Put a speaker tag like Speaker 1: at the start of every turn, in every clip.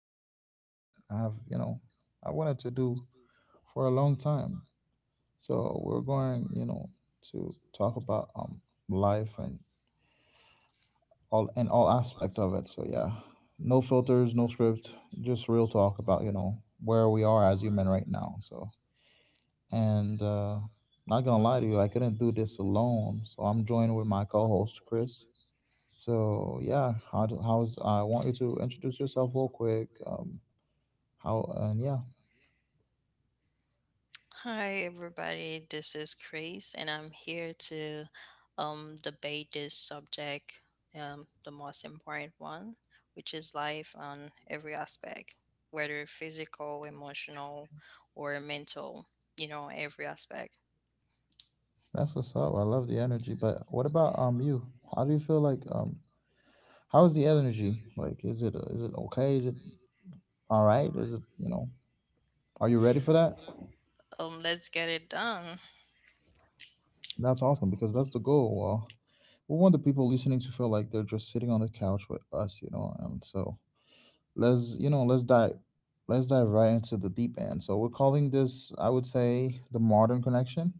Speaker 1: something today that I've, you know, I wanted to do for a long time. So we're going, to talk about life and all aspect of it. So yeah, no filters, no script, just real talk about, you know, where we are as human right now. So and not gonna lie to you, I couldn't do this alone. So I'm joined with my co-host Chris. So yeah, how's I want you to introduce yourself real quick. How and yeah,
Speaker 2: Hi, everybody. This is Chris, and I'm here to debate this subject, the most important one, which is life on every aspect, whether physical, emotional, or mental, you know, every aspect.
Speaker 1: that's what's up. I love the energy. But what about you? How do you feel like how's the energy? Like, is it okay? Is it all right? Is it Are you ready for that?
Speaker 2: Let's get it done.
Speaker 1: That's awesome because that's the goal. Well, we want the people listening to feel like they're just sitting on the couch with us, you know. And so let's you know let's dive right into the deep end. So we're calling this, I would say, the modern connection.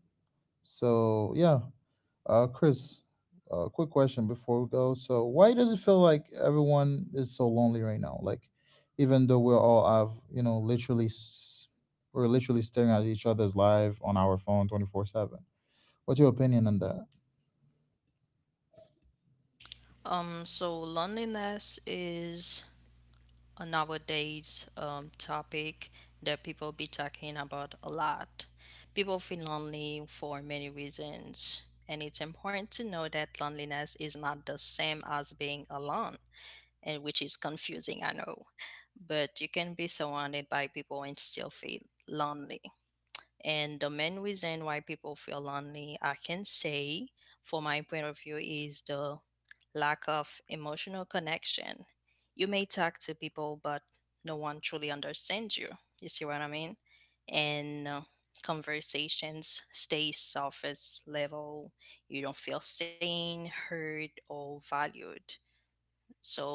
Speaker 1: So yeah, Chris, quick question before we go. So why does it feel like everyone is so lonely right now? Like, even though we're all have we're literally staring at each other's live on our phone 24/7. What's your opinion on that?
Speaker 2: So loneliness is a nowadays topic that people be talking about a lot. People feel lonely for many reasons, and it's important to know that loneliness is not the same as being alone, and which is confusing, I know. But you can be surrounded by people and still feel lonely. And the main reason why people feel lonely, I can say, for my point of view, is the lack of emotional connection. You may talk to people, but no one truly understands you. You see what I mean? And conversations stay surface level. You don't feel seen, heard, or valued. So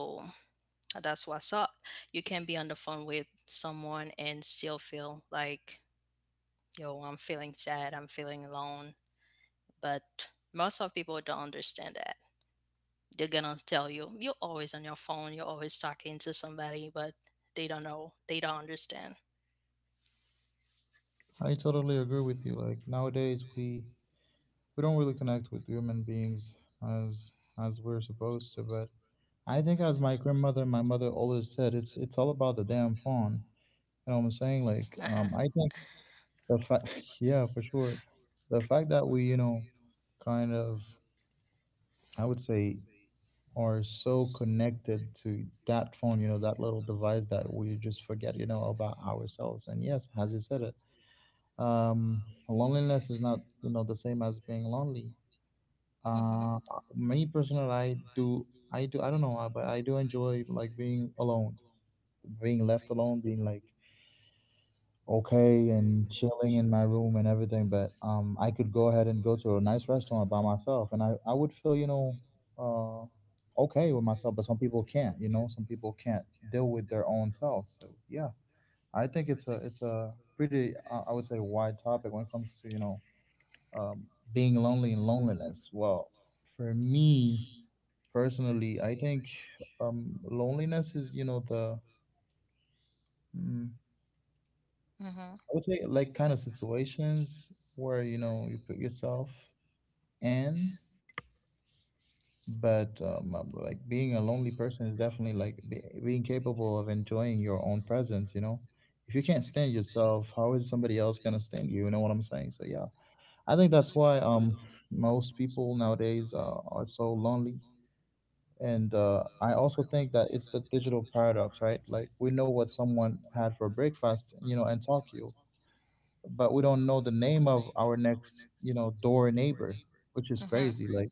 Speaker 2: that's what's up. You can be on the phone with someone and still feel like, yo, I'm feeling sad, I'm feeling alone. But most of people don't understand that. They're gonna tell you, you're always on your phone, you're always talking to somebody, but they don't know, they don't understand.
Speaker 1: I totally agree with you. Like nowadays we don't really connect with human beings as as we're supposed to, but I think as my grandmother, my mother always said, it's all about the damn phone. You know what I'm saying? Like
Speaker 2: Uh-huh.
Speaker 1: I think the fact yeah, for sure, the fact that we, you know, kind of, I would say, are so connected to that phone, you know, that little device, that we just forget, you know, about ourselves. And yes, as you said it, um loneliness is not, you know, the same as being lonely.
Speaker 2: Mm-hmm.
Speaker 1: Uh, Me personal, I don't know, but I do enjoy like being alone, being left alone, being like okay and chilling in my room and everything. But I could go ahead and go to a nice restaurant by myself, and I would feel, you know, okay with myself. But some people can't, you know, some people can't deal with their own selves. So yeah, I think it's a pretty, I would say, wide topic when it comes to, you know, um, being lonely and loneliness. Well, for me personally, I think loneliness is, you know, the I
Speaker 2: Mm-hmm.
Speaker 1: would say like kind of situations where, you know, you put yourself in, but like being a lonely person is definitely like be being capable of enjoying your own presence, you know. If you can't stand yourself, how is somebody else gonna stand you? You know what I'm saying? So yeah, I think that's why most people nowadays are so lonely. And I also think that it's the digital paradox, right? Like we know what someone had for breakfast, you know, in Tokyo, but we don't know the name of our next, you know, door neighbor, which is
Speaker 2: Mm-hmm.
Speaker 1: crazy. Like,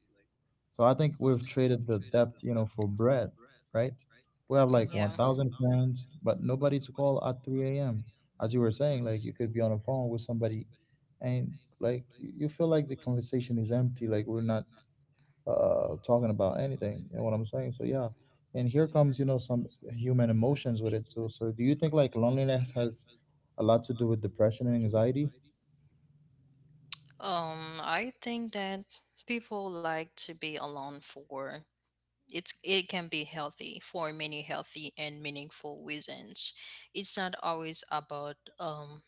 Speaker 1: so I think we've traded the depth, you know, for breadth, right? We have like
Speaker 2: Yeah.
Speaker 1: 1,000 friends, but nobody to call at 3 a.m. As you were saying, like you could be on a phone with somebody and like you feel like the conversation is empty, like we're not talking about anything. You know what I'm saying? So yeah, and here comes, you know, some human emotions with it too. So do you think like loneliness has a lot to do with depression and anxiety?
Speaker 2: I think that people like to be alone for it can be healthy for many healthy and meaningful reasons. It's not always about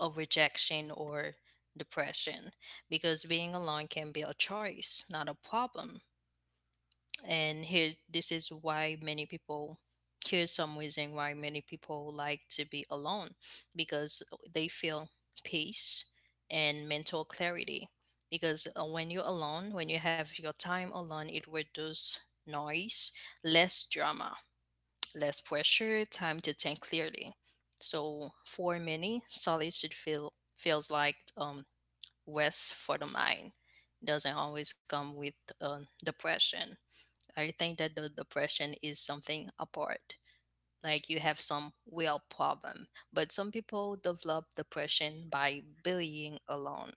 Speaker 2: a rejection or depression, because being alone can be a choice, not a problem. And here, this is why many people, here's some reason why many people like to be alone, because they feel peace and mental clarity, because when you're alone, when you have your time alone, it reduces noise, less drama, less pressure, time to think clearly. So for many, solitude feels like rest for the mind, doesn't always come with depression. I think that the depression is something apart. Like, you have some real problem, but some people develop depression by bullying alone.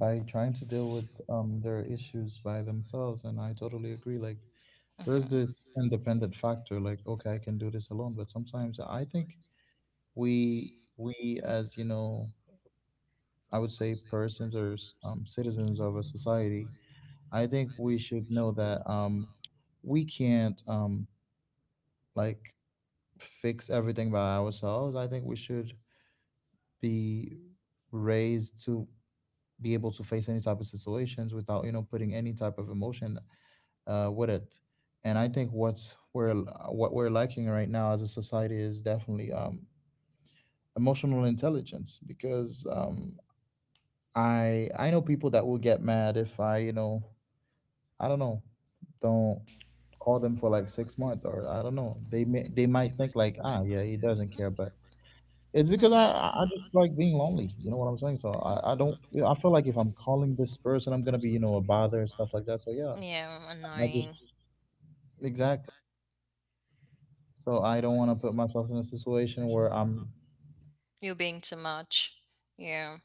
Speaker 1: By trying to deal with their issues by themselves. And I totally agree. Like, there's
Speaker 2: Hmm.
Speaker 1: this independent factor like okay I can do this alone, but sometimes I think we we as, you know, I would say persons or citizens of a society, I think we should know that we can't like fix everything by ourselves. I think we should be raised to be able to face any type of situations without, you know, putting any type of emotion with it. And I think what we're lacking right now as a society is definitely emotional intelligence, because I know people that will get mad if I, you know, I don't know, don't call them for like 6 months, or I don't know, they might think like, ah yeah, he doesn't care. But it's because I
Speaker 2: Hmm.
Speaker 1: I I just like being lonely, you know what I'm saying. So I don't, you know, I feel like if I'm calling this person, I'm gonna be, you know, a bother and stuff like that. So yeah,
Speaker 2: Yeah,
Speaker 1: I
Speaker 2: annoying.
Speaker 1: just exactly. So I don't want to put myself in a situation where I'm
Speaker 2: You're being too much. Yeah,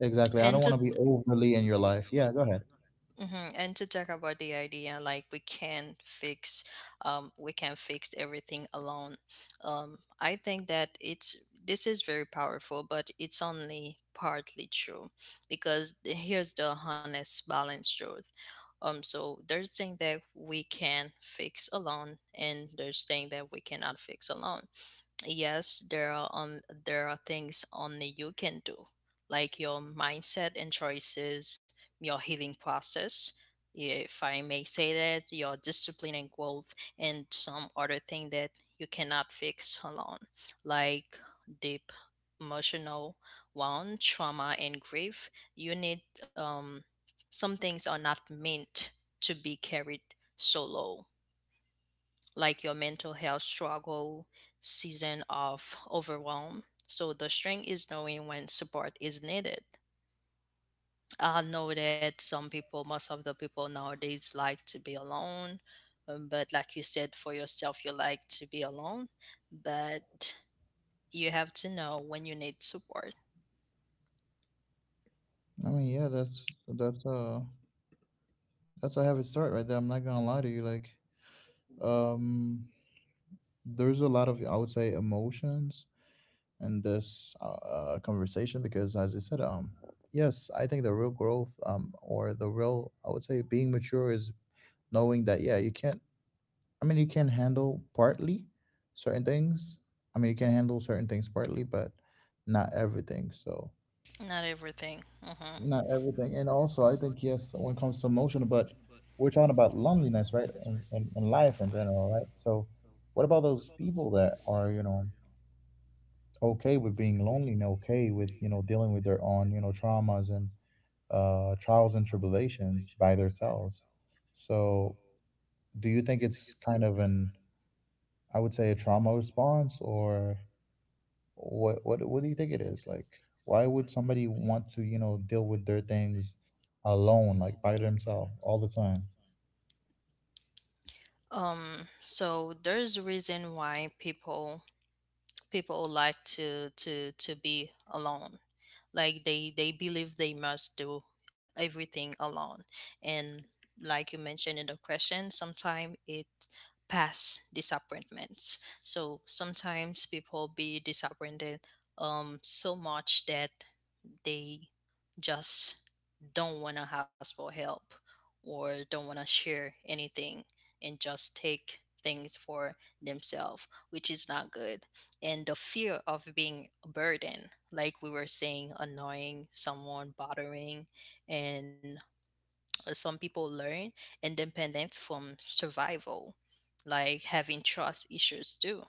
Speaker 1: exactly. I don't
Speaker 2: and
Speaker 1: want
Speaker 2: to
Speaker 1: to be overly in your life. Yeah, go ahead.
Speaker 2: Mm-hmm. And to talk about the idea, like we can fix everything alone. I think that it's this is very powerful, but it's only partly true because here's the honest, balanced truth. So there's things that we can fix alone, and there's things that we cannot fix alone. Yes, there are things only you can do, like your mindset and choices, your healing process, if I may say that, your discipline and growth. And some other thing that you cannot fix alone, like deep emotional wound, trauma, and grief. You need some things are not meant to be carried solo, like your mental health struggle, season of overwhelm. So the strength is knowing when support is needed. I know that some people, most of the people nowadays, like to be alone. But like you said, for yourself, you like to be alone. But you have to know when you need support.
Speaker 1: I mean, yeah, that's a heavy start right there. I'm not gonna lie to you. Like, um, there's a lot of, I would say, emotions in this conversation because, as I said, yes, I think the real growth, or the real, I would say, being mature is knowing that yeah, you can't, I mean, you can handle partly certain things. I mean, you can handle certain things partly, but not everything. So,
Speaker 2: Not everything. Hmm.
Speaker 1: not everything. And also, I think, yes, when it comes to emotional, but we're talking about loneliness, right? And in life in general, right? So, what about those people that are, you know, okay with being lonely and okay with, you know, dealing with their own, you know, traumas and trials and tribulations by themselves? So, do you think it's kind of an, I would say, a trauma response? Or what do you think it is? Like why would somebody want to, you know, deal with their things alone, like by themselves, all the time?
Speaker 2: So there's a reason why people, people like to be alone, like they believe they must do everything alone. And like you mentioned in the question, sometimes it, pass disappointments. So sometimes people be disappointed so much that they just don't want to ask for help or don't want to share anything, and just take things for themselves, which is not good. And the fear of being a burden, like we were saying, annoying someone, bothering. And some people learn independence from survival, like having trust issues too,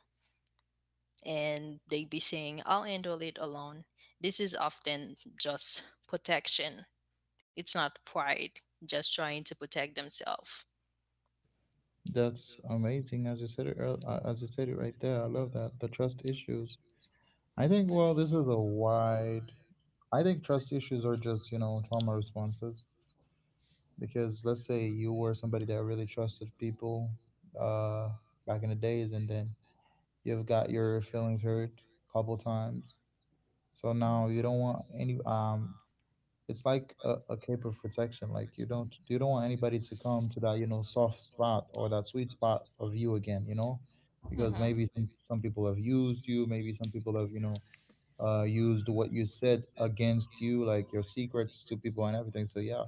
Speaker 2: and they be saying, I'll handle it alone. This is often just protection, it's not pride, just trying to protect themselves.
Speaker 1: That's amazing, as you said it as you said it right there, I love that. The trust issues, I think, well, this is a wide, I think trust issues are just, you know, trauma responses. Because let's say you were somebody that really trusted people uh back in the days, and then you've got your feelings hurt a couple times, so now you don't want any it's like a cape of protection. Like you don't want anybody to come to that, you know, soft spot or that sweet spot of you again. You know, because
Speaker 2: Mm-hmm.
Speaker 1: maybe some people have used you. Maybe some people have, you know, used what you said against you, like your secrets to people and everything. So yeah,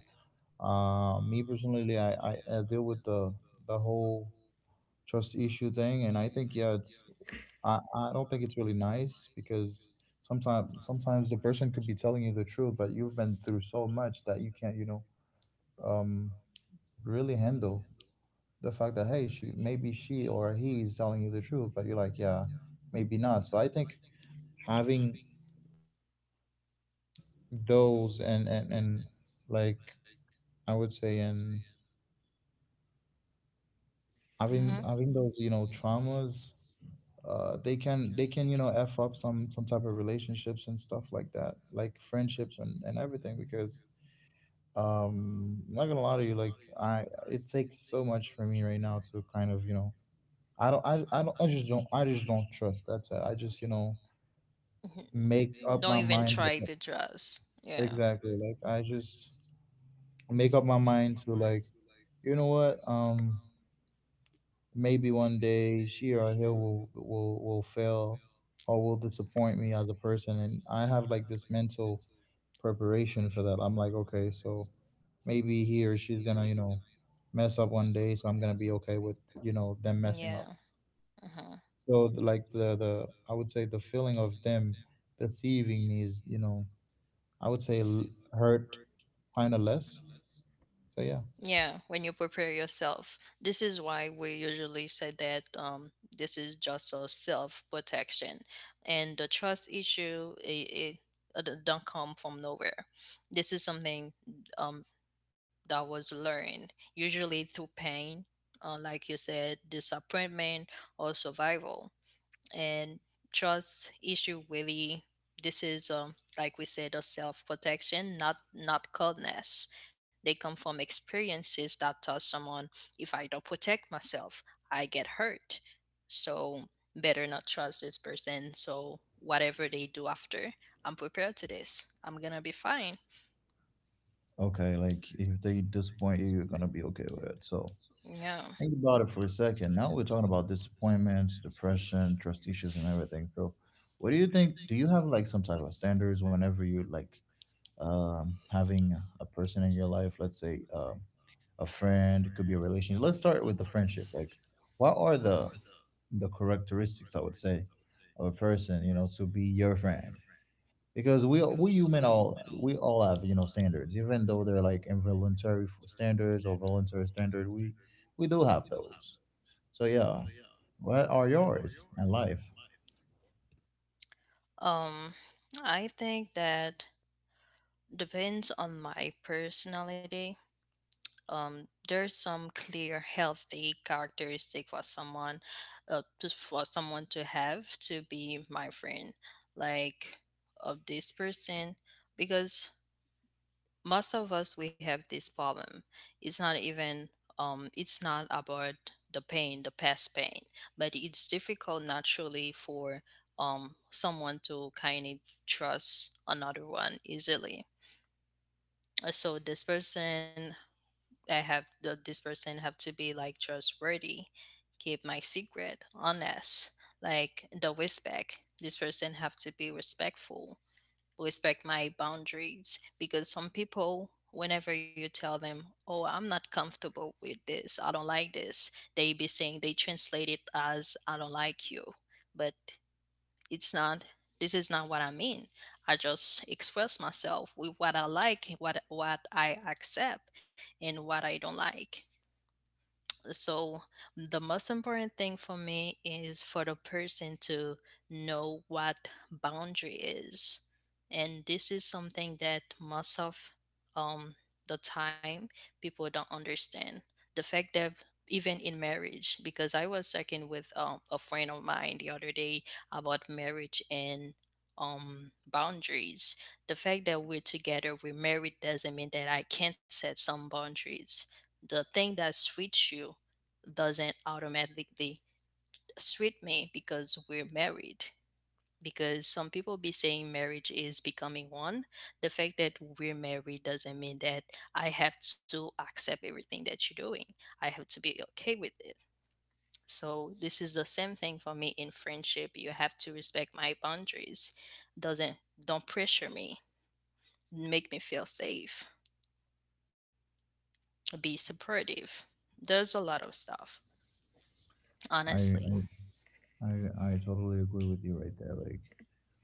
Speaker 1: me personally, I deal with the whole trust issue thing. And I think yeah, it's I don't think it's really nice because sometimes the person could be telling you the truth, but you've been through so much that you can't, you know, um really handle the fact that, hey, she or he is telling you the truth, but you're like, yeah, maybe not. So I think having those and like I would say, and
Speaker 2: Mm-hmm.
Speaker 1: having those, you know, traumas, they can, you know, f up some type of relationships and stuff like that, like friendship and everything. Because I'm not gonna lie to you, like I, it takes so much for me right now to kind of, you know, I just don't trust. That's it. I just, you know, make
Speaker 2: Make,
Speaker 1: up my
Speaker 2: don't even
Speaker 1: mind
Speaker 2: try
Speaker 1: that-
Speaker 2: to dress. Yeah.
Speaker 1: exactly, like I just make up my mind to like, you know what, maybe one day she or he will fail or will disappoint me as a person, and I have like this mental preparation for that. I'm like, okay, so maybe he or she's gonna, you know, mess up one day, so I'm gonna be okay with, you know, them messing
Speaker 2: Yeah.
Speaker 1: up.
Speaker 2: Uh-huh.
Speaker 1: So like the, I would say, the feeling of them deceiving me is, you know, I would say hurt kind of less. So yeah.
Speaker 2: Yeah, when you prepare yourself. This is why we usually say that this is just a self protection. And the trust issue, it don't come from nowhere. This is something um, that was learned, usually through pain, like you said, disappointment, or survival. And trust issue, really, this is like we said, a self protection, not, not coldness. They come from experiences that taught someone, if I don't protect myself, I get hurt. So better not trust this person, so whatever they do after, I'm prepared to this, I'm gonna be fine.
Speaker 1: Okay, like if they disappoint you, you're gonna be okay with it. So
Speaker 2: Yeah.
Speaker 1: think about it for a second. Now we're talking about disappointments, depression, trust issues, and everything. So, what do you think? Do you have like some type of standards whenever you like, having a person in your life? Let's say a friend, it could be a relationship. Let's start with the friendship. Like, what are
Speaker 2: Mhm.
Speaker 1: the characteristics I would say of a person, you know, to be your friend? Because we human, all we all have, you know, standards, even though they're like involuntary standards or voluntary standard. We do have those. So yeah, what are yours and life?
Speaker 2: um I think that Depends on my personality. There's some clear healthy characteristic for someone, for someone to have to be my friend, like of this person, because most of us we have this problem. It's not even it's not about the pain, the past pain, but it's difficult naturally for someone to kind of trust another one easily. So this person, I have this person have to be like trustworthy, keep my secret, honest, like the respect. This person have to be respectful, respect my boundaries, because some people, whenever you tell them, oh, I'm not comfortable with this, I don't like this, they be saying, they translate it as, I don't like you. But it's not, this is not what I mean. I just express myself with what I like, what I accept, and what I don't like. So the most important thing for me is for the person to know what boundary is. And this is something that most of um, the time people don't understand. The fact that even in marriage, because I was talking with a friend of mine the other day about marriage and boundaries. The fact that we're together, we're married, doesn't mean that I can't set some boundaries. The thing that suits you doesn't automatically treat me because we're married. Because some people be saying marriage is becoming one. The fact that we're married doesn't mean that I have to accept everything that you're doing. I have to be okay with it. So this is the same thing for me in friendship. You have to respect my boundaries. Doesn't Don't pressure me. Make me feel safe. Be supportive. There's a lot of stuff,
Speaker 1: I,
Speaker 2: honestly.
Speaker 1: I I I totally agree with you right there. Like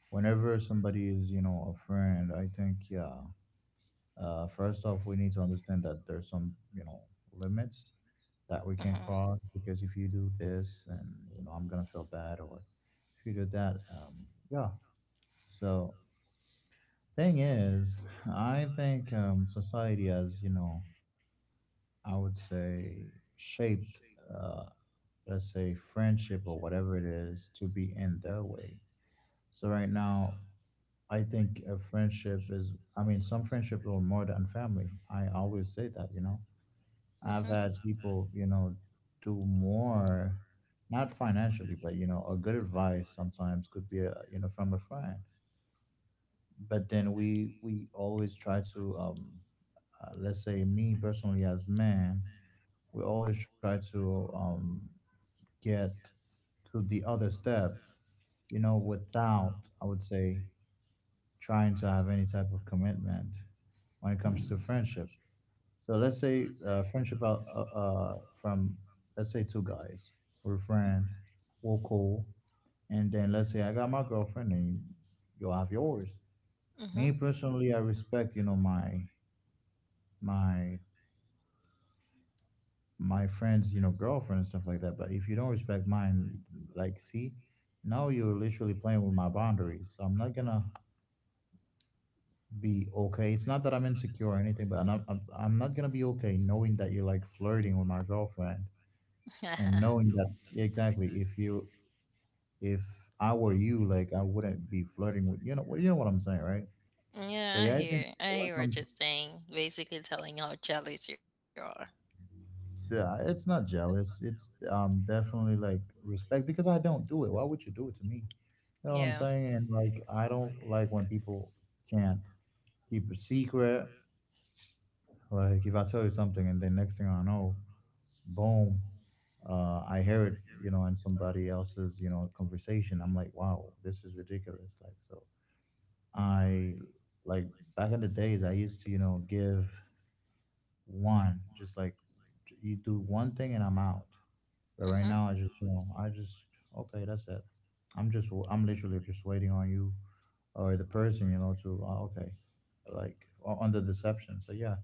Speaker 1: whenever somebody is, you know, a friend, I think yeah. First off, we need to understand that there's some, you know, limits that we
Speaker 2: Hmm.
Speaker 1: can't cross because if you do this, and you know, I'm gonna feel bad, or if you do that, yeah. So, thing is, I think society has, you know, I would say shaped, uh, let's say, friendship or whatever it is to be in their way. So right now, I think a friendship is, I mean, some friendships are more than family. I always say that, you know.
Speaker 2: Hmm.
Speaker 1: I've had people, you know, do more, not financially, but, you know, a good advice sometimes could be, a, you know, from a friend. But then we always try to let's say, me personally as man, we always try to, get to the other step, you know, without, I would say, trying to have any type of commitment when it comes to friendship. So let's say, friendship out, from, let's say, two guys. We're friend, we're cool. And then let's say I got my girlfriend and you'll have yours.
Speaker 2: Mm-hmm.
Speaker 1: Me personally, I respect, you know, my my friend's, you know, girlfriend and stuff like that. But if you don't respect mine, like, see, now you're literally playing with my boundaries. So I'm not gonna be okay. It's not that I'm insecure or anything, but I'm not gonna be okay knowing that you're like flirting with my girlfriend and knowing that, yeah, exactly. If I were you, like, I wouldn't be flirting with, you know what, you know what I'm saying, right? So
Speaker 2: Yeah, I
Speaker 1: yeah, I think
Speaker 2: hear. I
Speaker 1: when it
Speaker 2: hear what you're
Speaker 1: comes,
Speaker 2: saying. Basically, telling how jealous you are.
Speaker 1: so it's not jealous, it's definitely like respect, because I don't do it, why would you do it to me? You know what I'm
Speaker 2: Yeah.
Speaker 1: saying? And like, I don't like when people can't keep a secret. Like, if I tell you something and then next thing I know, boom, I hear it, you know, in somebody else's, you know, conversation. I'm like, wow, this is ridiculous. Like, so I, like, back in the days, I used to, you know, give one, just like, you do one thing and I'm out. But right
Speaker 2: Mm-hmm.
Speaker 1: now, I just, you know, I just, okay, that's it. I'm just, I'm literally just waiting on you or the person, you know, to, okay, like, on the deception. So yeah,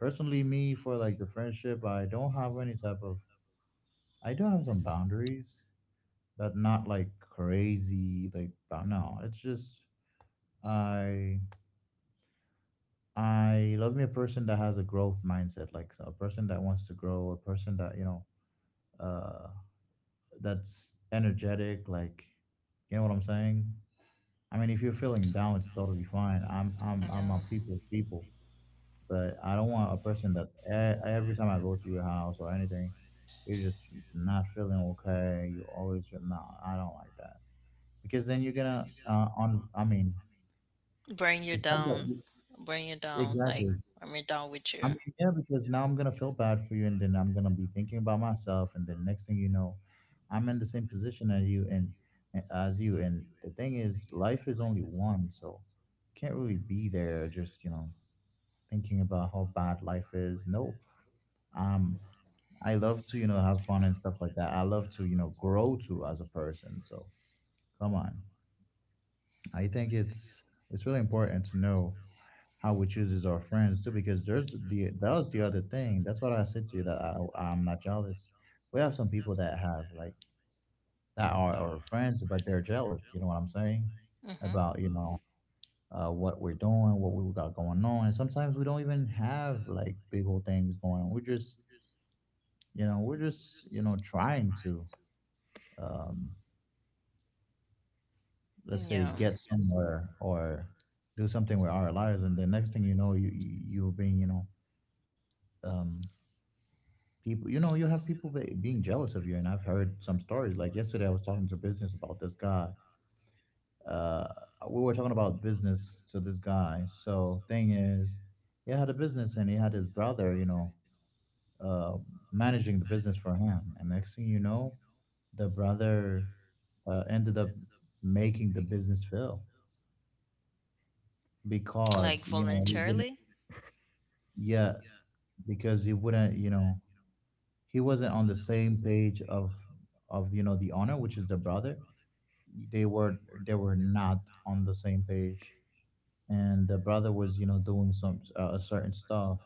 Speaker 1: personally me, for like the friendship, I don't have any type of, I do have some boundaries, but not like crazy, like no, it's just, i I love me a person that has a growth mindset. Like, so a person that wants to grow, a person that, you know, uh, that's energetic. Like, you know what I'm saying? I mean, if you're feeling down, it's totally fine. I'm a
Speaker 2: Yeah.
Speaker 1: people's people, but I don't want a person that, every time I go to your house or anything, you're just not feeling okay. You always feel no. I don't like that because then you're gonna on. I mean,
Speaker 2: Bring you
Speaker 1: it's not that,
Speaker 2: down. Bring you down. Like,
Speaker 1: exactly.
Speaker 2: bring me down with
Speaker 1: I mean,
Speaker 2: you.
Speaker 1: yeah, because now I'm gonna feel bad for you, and then I'm gonna be thinking about myself, and then next thing you know, I'm in the same position as you, and eh, as you. And the thing is, life is only one, so can't really be there just, you know, thinking about how bad life is. No, um, I love to, you know, have fun and stuff like that. I love to, you know, grow too as a person. So come on, I think it's really important to know how we chooses our friends too, because there's the, that was the other thing, that's what I said to you, that I'm not jealous. We have some people that have like, that are our friends, but they're jealous, you know what I'm saying,
Speaker 2: Mm-hmm.
Speaker 1: about, you know, what we're doing, what we got going on. And sometimes we don't even have like big old things going on, we're just, you know, we're just, you know, trying to, um let's say,
Speaker 2: Yeah.
Speaker 1: get somewhere or do something with our lives. And the next thing you know, you're being, you know, um people, you know, you have people being jealous of you. And I've heard some stories, like yesterday I was talking to business about this guy, uh we were talking about business to this guy. So thing is, he had a business, and he had his brother, you know, uh managing the business for him. And next thing you know, the brother ended up making the business fail because,
Speaker 2: Like,
Speaker 1: you know, he wouldn't,
Speaker 2: voluntarily.
Speaker 1: yeah, because he wouldn't, you know, he wasn't on the same page of, you know, the owner, which is the brother. They were, they were not on the same page. And the brother was, you know, doing some certain stuff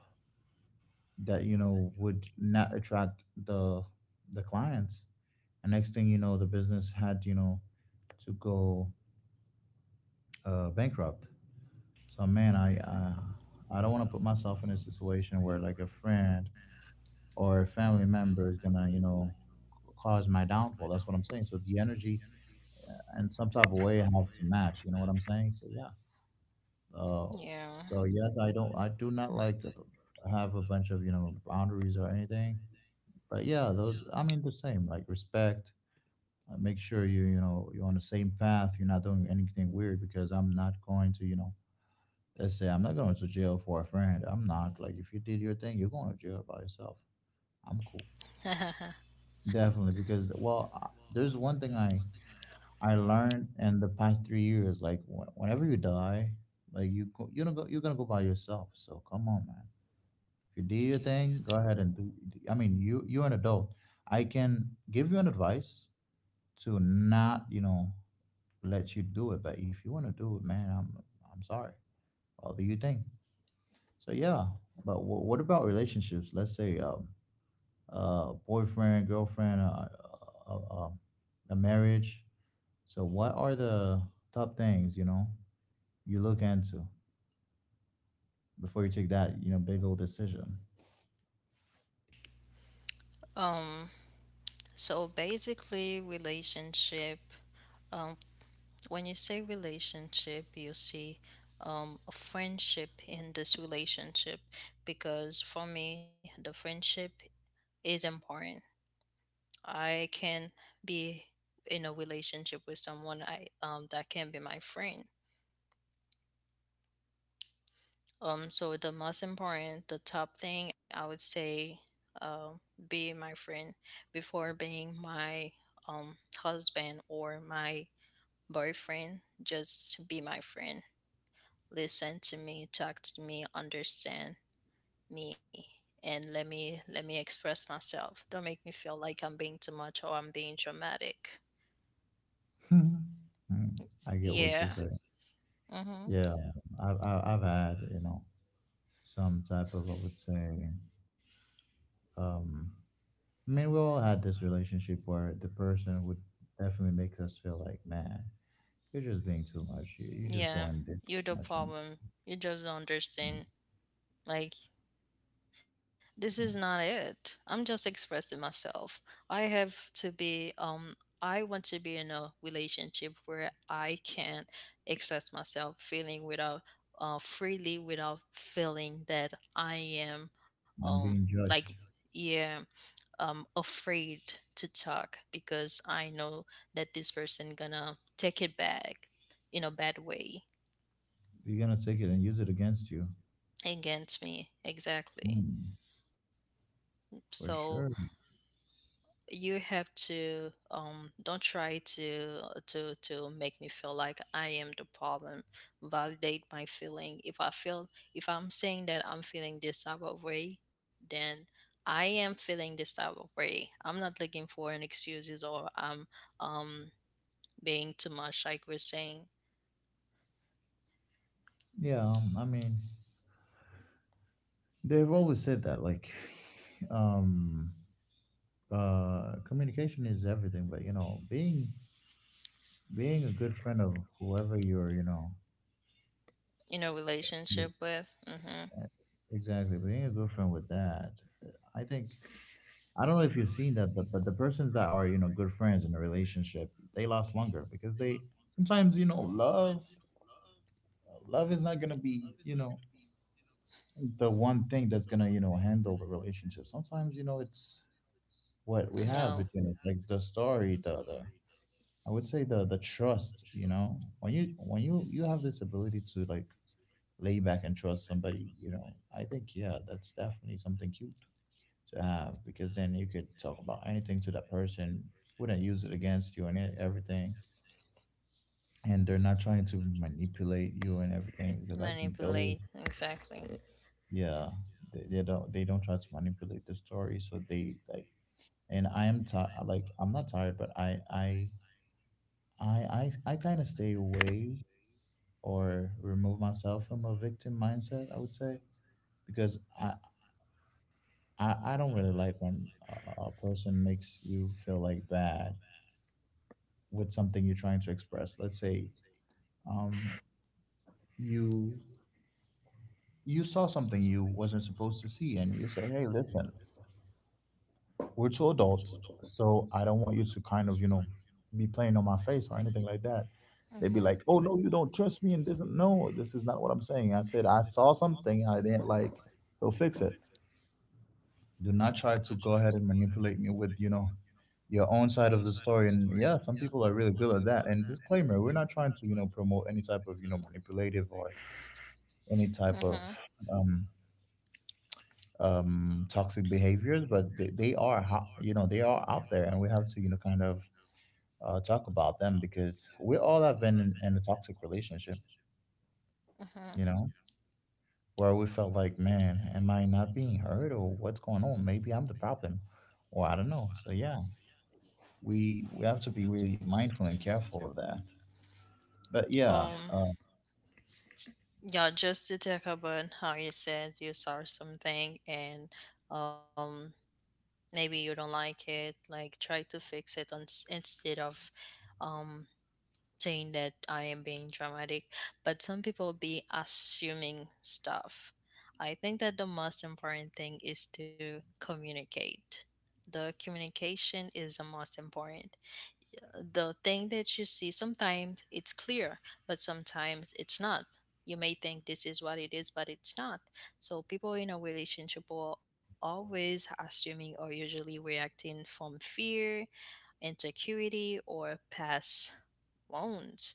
Speaker 1: that, you know, would not attract the clients. And next thing you know, the business had, you know, to go bankrupt. So man, I don't want to put myself in a situation where like a friend or a family member is gonna, you know, cause my downfall. That's what I'm saying. So the energy and some type of way have to match, you know what I'm saying? So yeah. Uh,
Speaker 2: Yeah.
Speaker 1: so yes, I do not like to have a bunch of, you know, boundaries or anything. But yeah, those, I mean, the same like respect. Make sure you, you know, you're on the same path. You're not doing anything weird, because I'm not going to, you know. Let's say I'm not going to jail for a friend. I'm not, like, if you did your thing, you're going to jail by yourself. I'm cool, definitely, because well, I, there's one thing I learned in the past 3 years. Like whenever you die, like you go, you don't go, you're gonna go by yourself. So come on, man. If you do your thing, go ahead and do. I mean, you, you're an adult. I can give you an advice to not, you know, let you do it. But if you want to do it, man, I'm sorry. I'll do your thing. So yeah. But what about relationships? Let's say, boyfriend, girlfriend, uh, a marriage. So what are the top things, you know, you look into before you take that, you know, big old decision?
Speaker 2: Um. So basically, relationship, um, when you say relationship, you see a friendship in this relationship, because for me, the friendship is important. I can be in a relationship with someone I that can be my friend. So the most important, the top thing I would say, um, be my friend before being my husband or my boyfriend, just be my friend. Listen to me, talk to me, understand me, and let me express myself. Don't make me feel like I'm being too much or I'm being dramatic.
Speaker 1: Mm, I get what you
Speaker 2: Yeah.
Speaker 1: said.
Speaker 2: Mhm.
Speaker 1: Yeah, I've had, you know, some type of, I would say, um, I mean, we all had this relationship where the person would definitely make us feel like, man, you're just being too much. You're just
Speaker 2: Yeah.
Speaker 1: doing this
Speaker 2: You're
Speaker 1: too
Speaker 2: the
Speaker 1: much, and
Speaker 2: problem. You just don't understand. Like, this is not it. I'm just expressing myself. I have to be I want to be in a relationship where I can express myself feeling without freely, without feeling that I am
Speaker 1: I'm
Speaker 2: um
Speaker 1: being
Speaker 2: like,
Speaker 1: judged.
Speaker 2: yeah, afraid to talk because I know that this person gonna take it back in a bad way.
Speaker 1: You're gonna take it and use it against you.
Speaker 2: Against me, exactly.
Speaker 1: Hmm, for
Speaker 2: So
Speaker 1: sure.
Speaker 2: you have to don't try to to make me feel like I am the problem. Validate my feeling. If I feel, if I'm saying that I'm feeling this type of way, then I am feeling this type of way. I'm not looking for an excuses, or I'm um being too much, like we're saying.
Speaker 1: Yeah, I mean, they've always said that like, um, communication is everything, but, you know, being a good friend of whoever you're, you know.
Speaker 2: In a
Speaker 1: Yeah,
Speaker 2: relationship with, mm-hmm.
Speaker 1: e- exactly. Being a good friend with that, uh, I think, I don't know if you've seen that, the, but the persons that are, you know, good friends in a relationship, they last longer, because they, sometimes, you know, love is not gonna be, you know, the one thing that's gonna, you know, handle the relationship. Sometimes, you know, it's what we
Speaker 2: No.
Speaker 1: have between us, like the story, the I would say the trust. You know, when you you have this ability to like lay back and trust somebody, you know, I think, yeah, that's definitely something cute to have, because then you could talk about anything to that person, wouldn't use it against you and everything. And they're not trying to manipulate you and everything, because I think
Speaker 2: Manipulate,
Speaker 1: those,
Speaker 2: exactly.
Speaker 1: yeah, they don't, they don't try to manipulate the story. So they like, and I am tired. Like I'm not tired, but I kind of stay away or remove myself from a victim mindset. I would say, because I don't really like when a a person makes you feel like bad with something you're trying to express. Let's say um, you you saw something you wasn't supposed to see, and you say, "Hey, listen, we're two adults, so I don't want you to kind of be playing on my face or anything like that." They'd be
Speaker 2: Hmm.
Speaker 1: like, "Oh no, you don't trust me," and this and no, this is not what I'm saying. I said I saw something I didn't like, so fix it. Do not try to go ahead and manipulate me with your own side of the story. And yeah, some people are really good at that, and disclaimer, we're not trying to promote any type of manipulative or any type
Speaker 2: Mm-hmm.
Speaker 1: of um, toxic behaviors, but they are, they are out there, and we have to, kind of talk about them because we all have been in a toxic relationship,
Speaker 2: Mm-hmm.
Speaker 1: you know, where we felt like, man, am I not being heard, or what's going on? Maybe I'm the problem, or I don't know. So yeah, we have to be really mindful and careful of that. But yeah,
Speaker 2: Um, yeah, just to talk about how you said you saw something and um maybe you don't like it, like try to fix it on, instead of um saying that I am being dramatic. But some people be assuming stuff. I think that the most important thing is to communicate. The communication is the most important. The thing that you see, sometimes it's clear, but sometimes it's not. You may think this is what it is, but it's not. So people in a relationship are always assuming or usually reacting from fear, insecurity, or past wounds,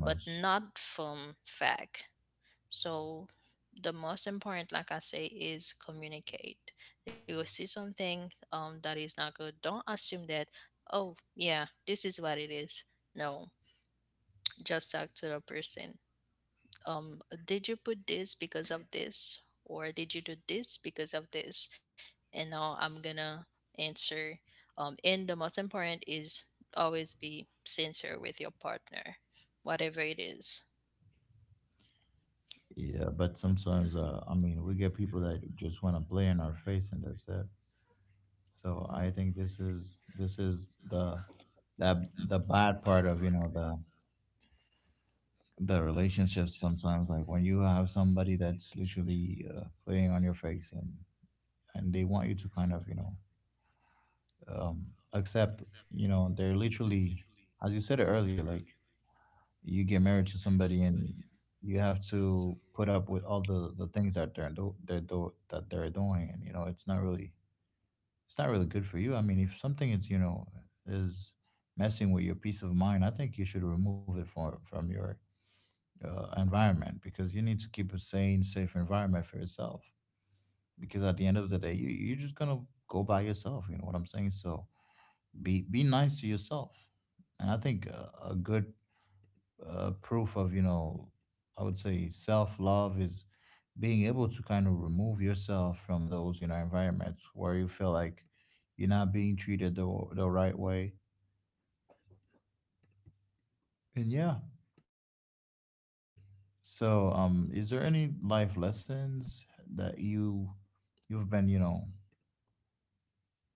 Speaker 2: but not from fact. So the most important, like I say, is communicate. You will see something that is not good. Don't assume that, oh yeah, this is what it is. No, just talk to the person. Um, did you put this because of this, or did you do this because of this? And now I'm gonna answer. And the most important is always be sincere with your partner, whatever it is.
Speaker 1: Yeah, but sometimes I mean, we get people that just want to play in our face, and that's it. So I think this is the the bad part of the relationships sometimes, like when you have somebody that's literally playing on your face, and they want you to kind of um, accept, you know, they're literally, as you said earlier, like you get married to somebody and you have to put up with all the things that that they're doing, and you know it's not really, it's not really good for you. I mean, if something is is messing with your peace of mind, I think you should remove it from your environment, because you need to keep a sane, safe environment for yourself. Because at the end of the day, you're just gonna go by yourself. You know what I'm saying? So be nice to yourself, and I think a good proof of, I would say, self love is being able to kind of remove yourself from those, you know, environments where you feel like you're not being treated the, right way. And yeah, so um, is there any life lessons that you've been, you know,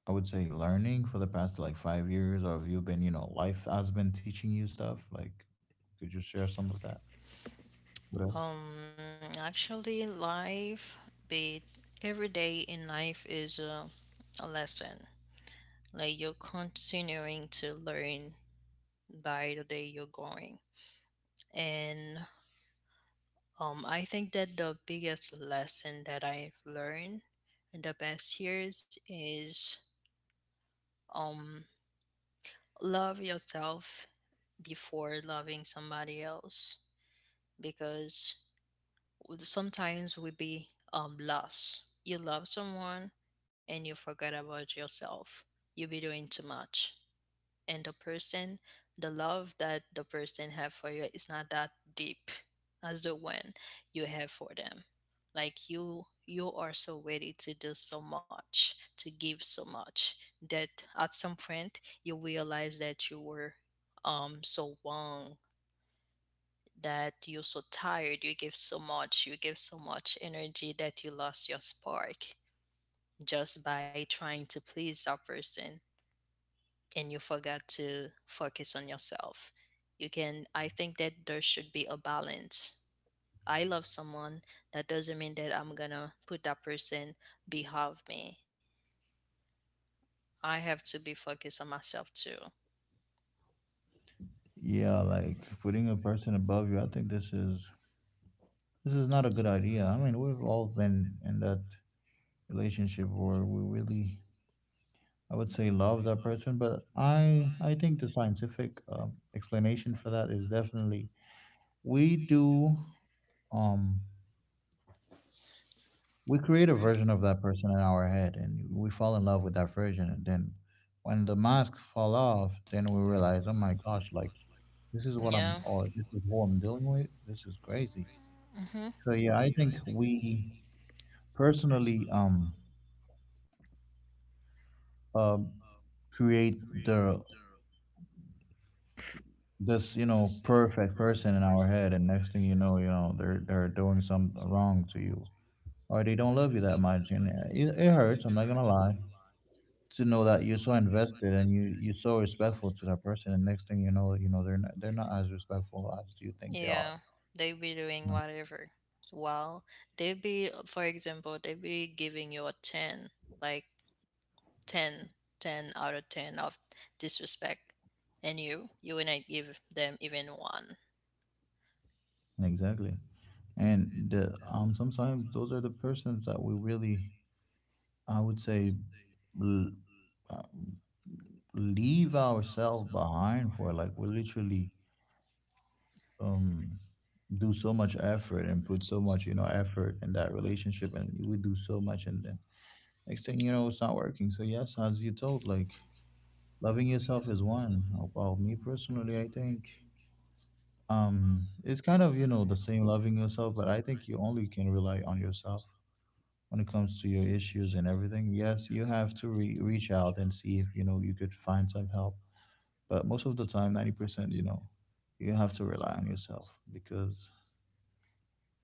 Speaker 1: I would say, learning for the past like 5 years? Or have you been, you know, life has been teaching you stuff like, could you share some of that with us?
Speaker 2: Um, Actually, life, be every day in life is a lesson. Like, you're continuing to learn by the day you're going. And I think that the biggest lesson that I've learned in the past years is um, love yourself before loving somebody else because would sometimes would be loss. You love someone and you forget about yourself. You be doing too much. And the person, the love that the person have for you is not that deep as the one you have for them. Like you are so ready to do so much, to give so much that at some point you realize that you were so wrong that you're so tired, you give so much, you give so much energy that you lost your spark just by trying to please that person and you forgot to focus on yourself. You can, I think that there should be a balance. I love someone, that doesn't mean that I'm gonna put that person behind me. I have to be focused on myself too.
Speaker 1: Yeah, like putting a person above you, I think this is not a good idea. I mean, we've all been in that relationship where we really, I would say, love that person. But I think the scientific explanation for that is definitely we do, um, we create a version of that person in our head, and we fall in love with that version, and then when the mask fall off, then we realize, oh my gosh, like this is what
Speaker 2: Yeah.
Speaker 1: I'm, or this is who I'm dealing with. This is crazy.
Speaker 2: Mm-hmm.
Speaker 1: So yeah, I think we personally, um create the, this you know, perfect person in our head. And next thing you know, you know, they're doing some wrong to you, or they don't love you that much, and it hurts. I'm not gonna lie, to know that you're so invested, and you're so respectful to that person, and next thing you know, you know, they're not as respectful as you think they
Speaker 2: Yeah.
Speaker 1: are.
Speaker 2: They be doing
Speaker 1: Mm.
Speaker 2: whatever. Well, they be, for example, they be giving you a 10, like 10, 10 out of 10 of disrespect. And you will not give them even one.
Speaker 1: Exactly. And the um, sometimes those are the persons that we really, I would say, l- uh, leave ourselves behind for, like we literally um do so much effort and put so much, you know, effort in that relationship, and you would do so much, and then next thing you know, it's not working. So yes, as you told, like loving yourself is one. Well, me personally, I think um, it's kind of, you know, the same loving yourself, but I think you only can rely on yourself when it comes to your issues and everything. Yes, you have to reach out and see if, you know, you could find some help, but most of the time 90%, you know, you have to rely on yourself, because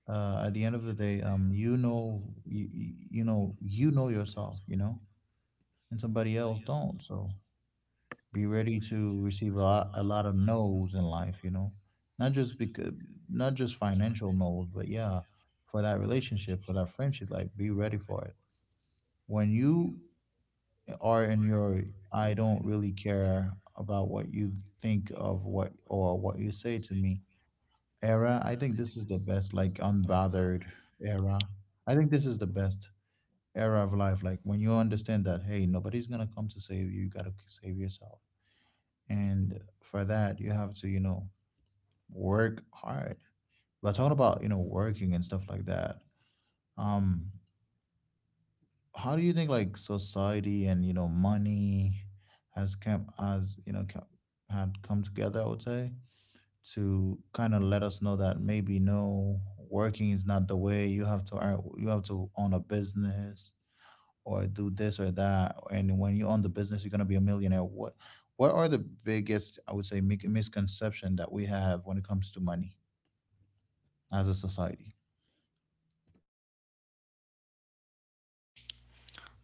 Speaker 1: at the end of the day, you know yourself, you know, and somebody else don't. So be ready to receive a lot of no's in life, you know, not just because, not just financial no's, but yeah, for that relationship, for that friendship, like be ready for it. When you are in your, I don't really care about what you think of what or what you say to me era. I think this is the best, like unbothered era. I think this is the best era of life, like when you understand that, hey, nobody's gonna come to save you, you gotta save yourself, and for that you have to, you know, work hard. But talking about, you know, working and stuff like that, um, how do you think like society and, you know, money has come, has, you know, come together, I would say, to kind of let us know that maybe no, working is not the way? You have to earn, you have to own a business or do this or that, and when you own the business you're going to be a millionaire. What are the biggest, I would say, misconception that we have when it comes to money as a society?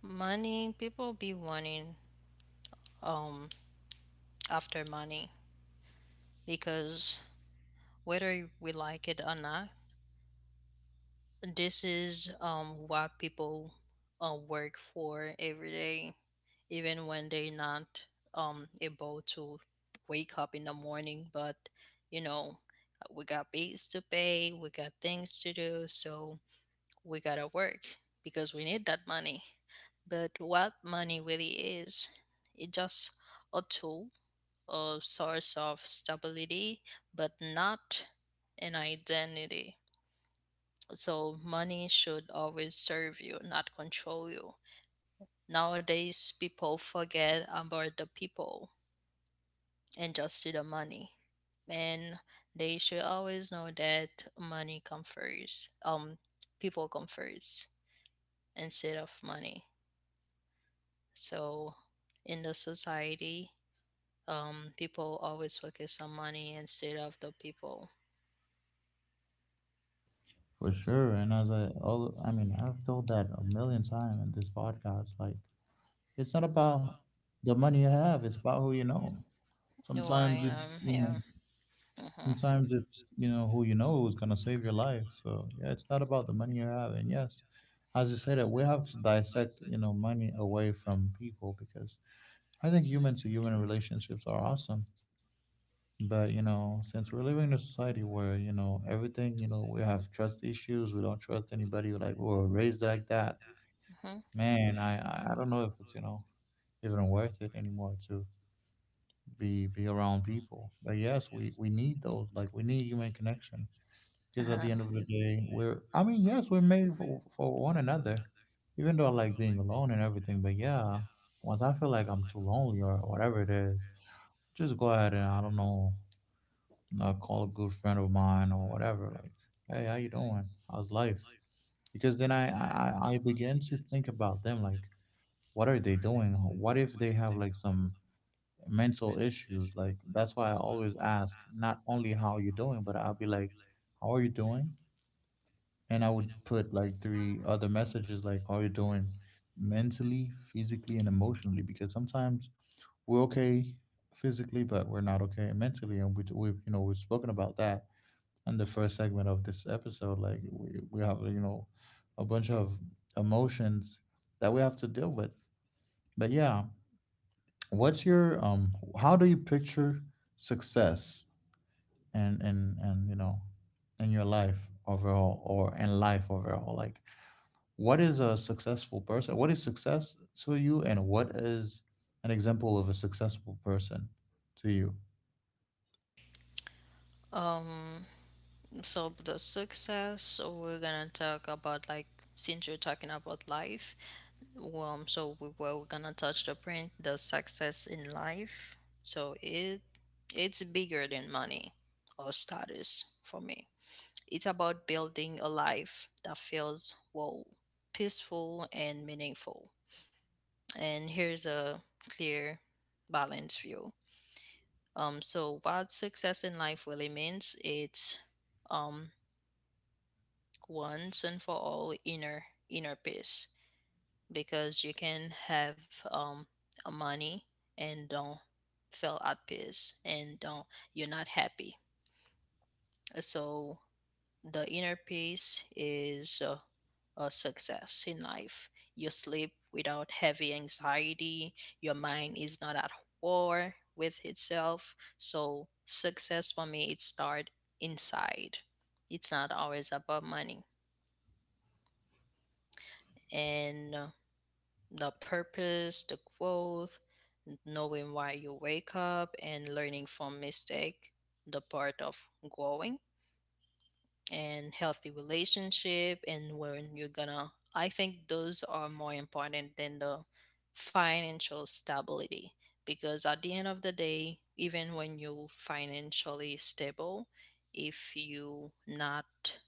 Speaker 2: Money, people be wanting um after money because, whether we like it or not, this is what people work for every day, even when they're not able to wake up in the morning. But, you know, we got bills to pay, we got things to do, so we gotta work because we need that money. But what money really is, it's just a tool, a source of stability, but not an identity. So money should always serve you, not control you. Nowadays, people forget about the people and just see the money. And they should always know that money comes first. People come first instead of money. So in the society, people always focus on money instead of the people.
Speaker 1: For sure, and as I all, I mean, I've told that a million times in this podcast. Like, it's not about the money you have, it's about who you know.
Speaker 2: Oh, I
Speaker 1: Sometimes
Speaker 2: am,
Speaker 1: it's, you know,
Speaker 2: yeah. Mm-hmm.
Speaker 1: sometimes it's, you know, who you know is going to save your life. So, yeah, it's not about the money you have. And yes, as you said it, we have to dissect, you know, money away from people, because I think human to human relationships are awesome. But, you know, since we're living in a society where, you know, everything, you know, we have trust issues, we don't trust anybody, like, we were raised like that.
Speaker 2: Hmm.
Speaker 1: Man, I don't know if it's, you know, even worth it anymore to be around people. But yes, we need those. Like we need human connection, because at
Speaker 2: Uh-huh.
Speaker 1: the end of the day, we're. I mean, yes, we're made for one another. Even though I like being alone and everything, but yeah, once I feel like I'm too lonely or whatever it is, just go ahead and I don't know, call a good friend of mine or whatever. Like, hey, how you doing? How's life? Because then I begin to think about them, like what are they doing? What if they have like some mental issues? Like that's why I always ask not only how you're doing, but I'll be like, "How are you doing?" And I would put like three other messages like, "How are you doing?" Mentally, physically, and emotionally. Because sometimes we're okay physically, but we're not okay mentally, and we we've you know, we've spoken about that in the first segment of this episode. Like we, have you know, a bunch of emotions that we have to deal with. But yeah, what's your um? How do you picture success and you know, in your life overall, or in life overall, like what is a successful person, what is success to you, and what is an example of a successful person to you?
Speaker 2: Um, so the success, so we're gonna talk about, like, since you're talking about life, well, we're gonna touch the print, the success in life. So it it's bigger than money or status for me. It's about building a life that feels, well, peaceful and meaningful. And here's a clear balanced view. So what success in life really means, it's um once and for all inner peace, because you can have a money and don't feel at peace and don't, you're not happy. So the inner peace is a success in life. You sleep without heavy anxiety, your mind is not at war with itself. So success for me, it start inside. It's not always about money, and the purpose, the growth, knowing why you wake up and learning from mistake, the part of growing and healthy relationship, and when you're gonna, I think those are more important than the financial stability, because at the end of the day, even when you're financially stable, if you not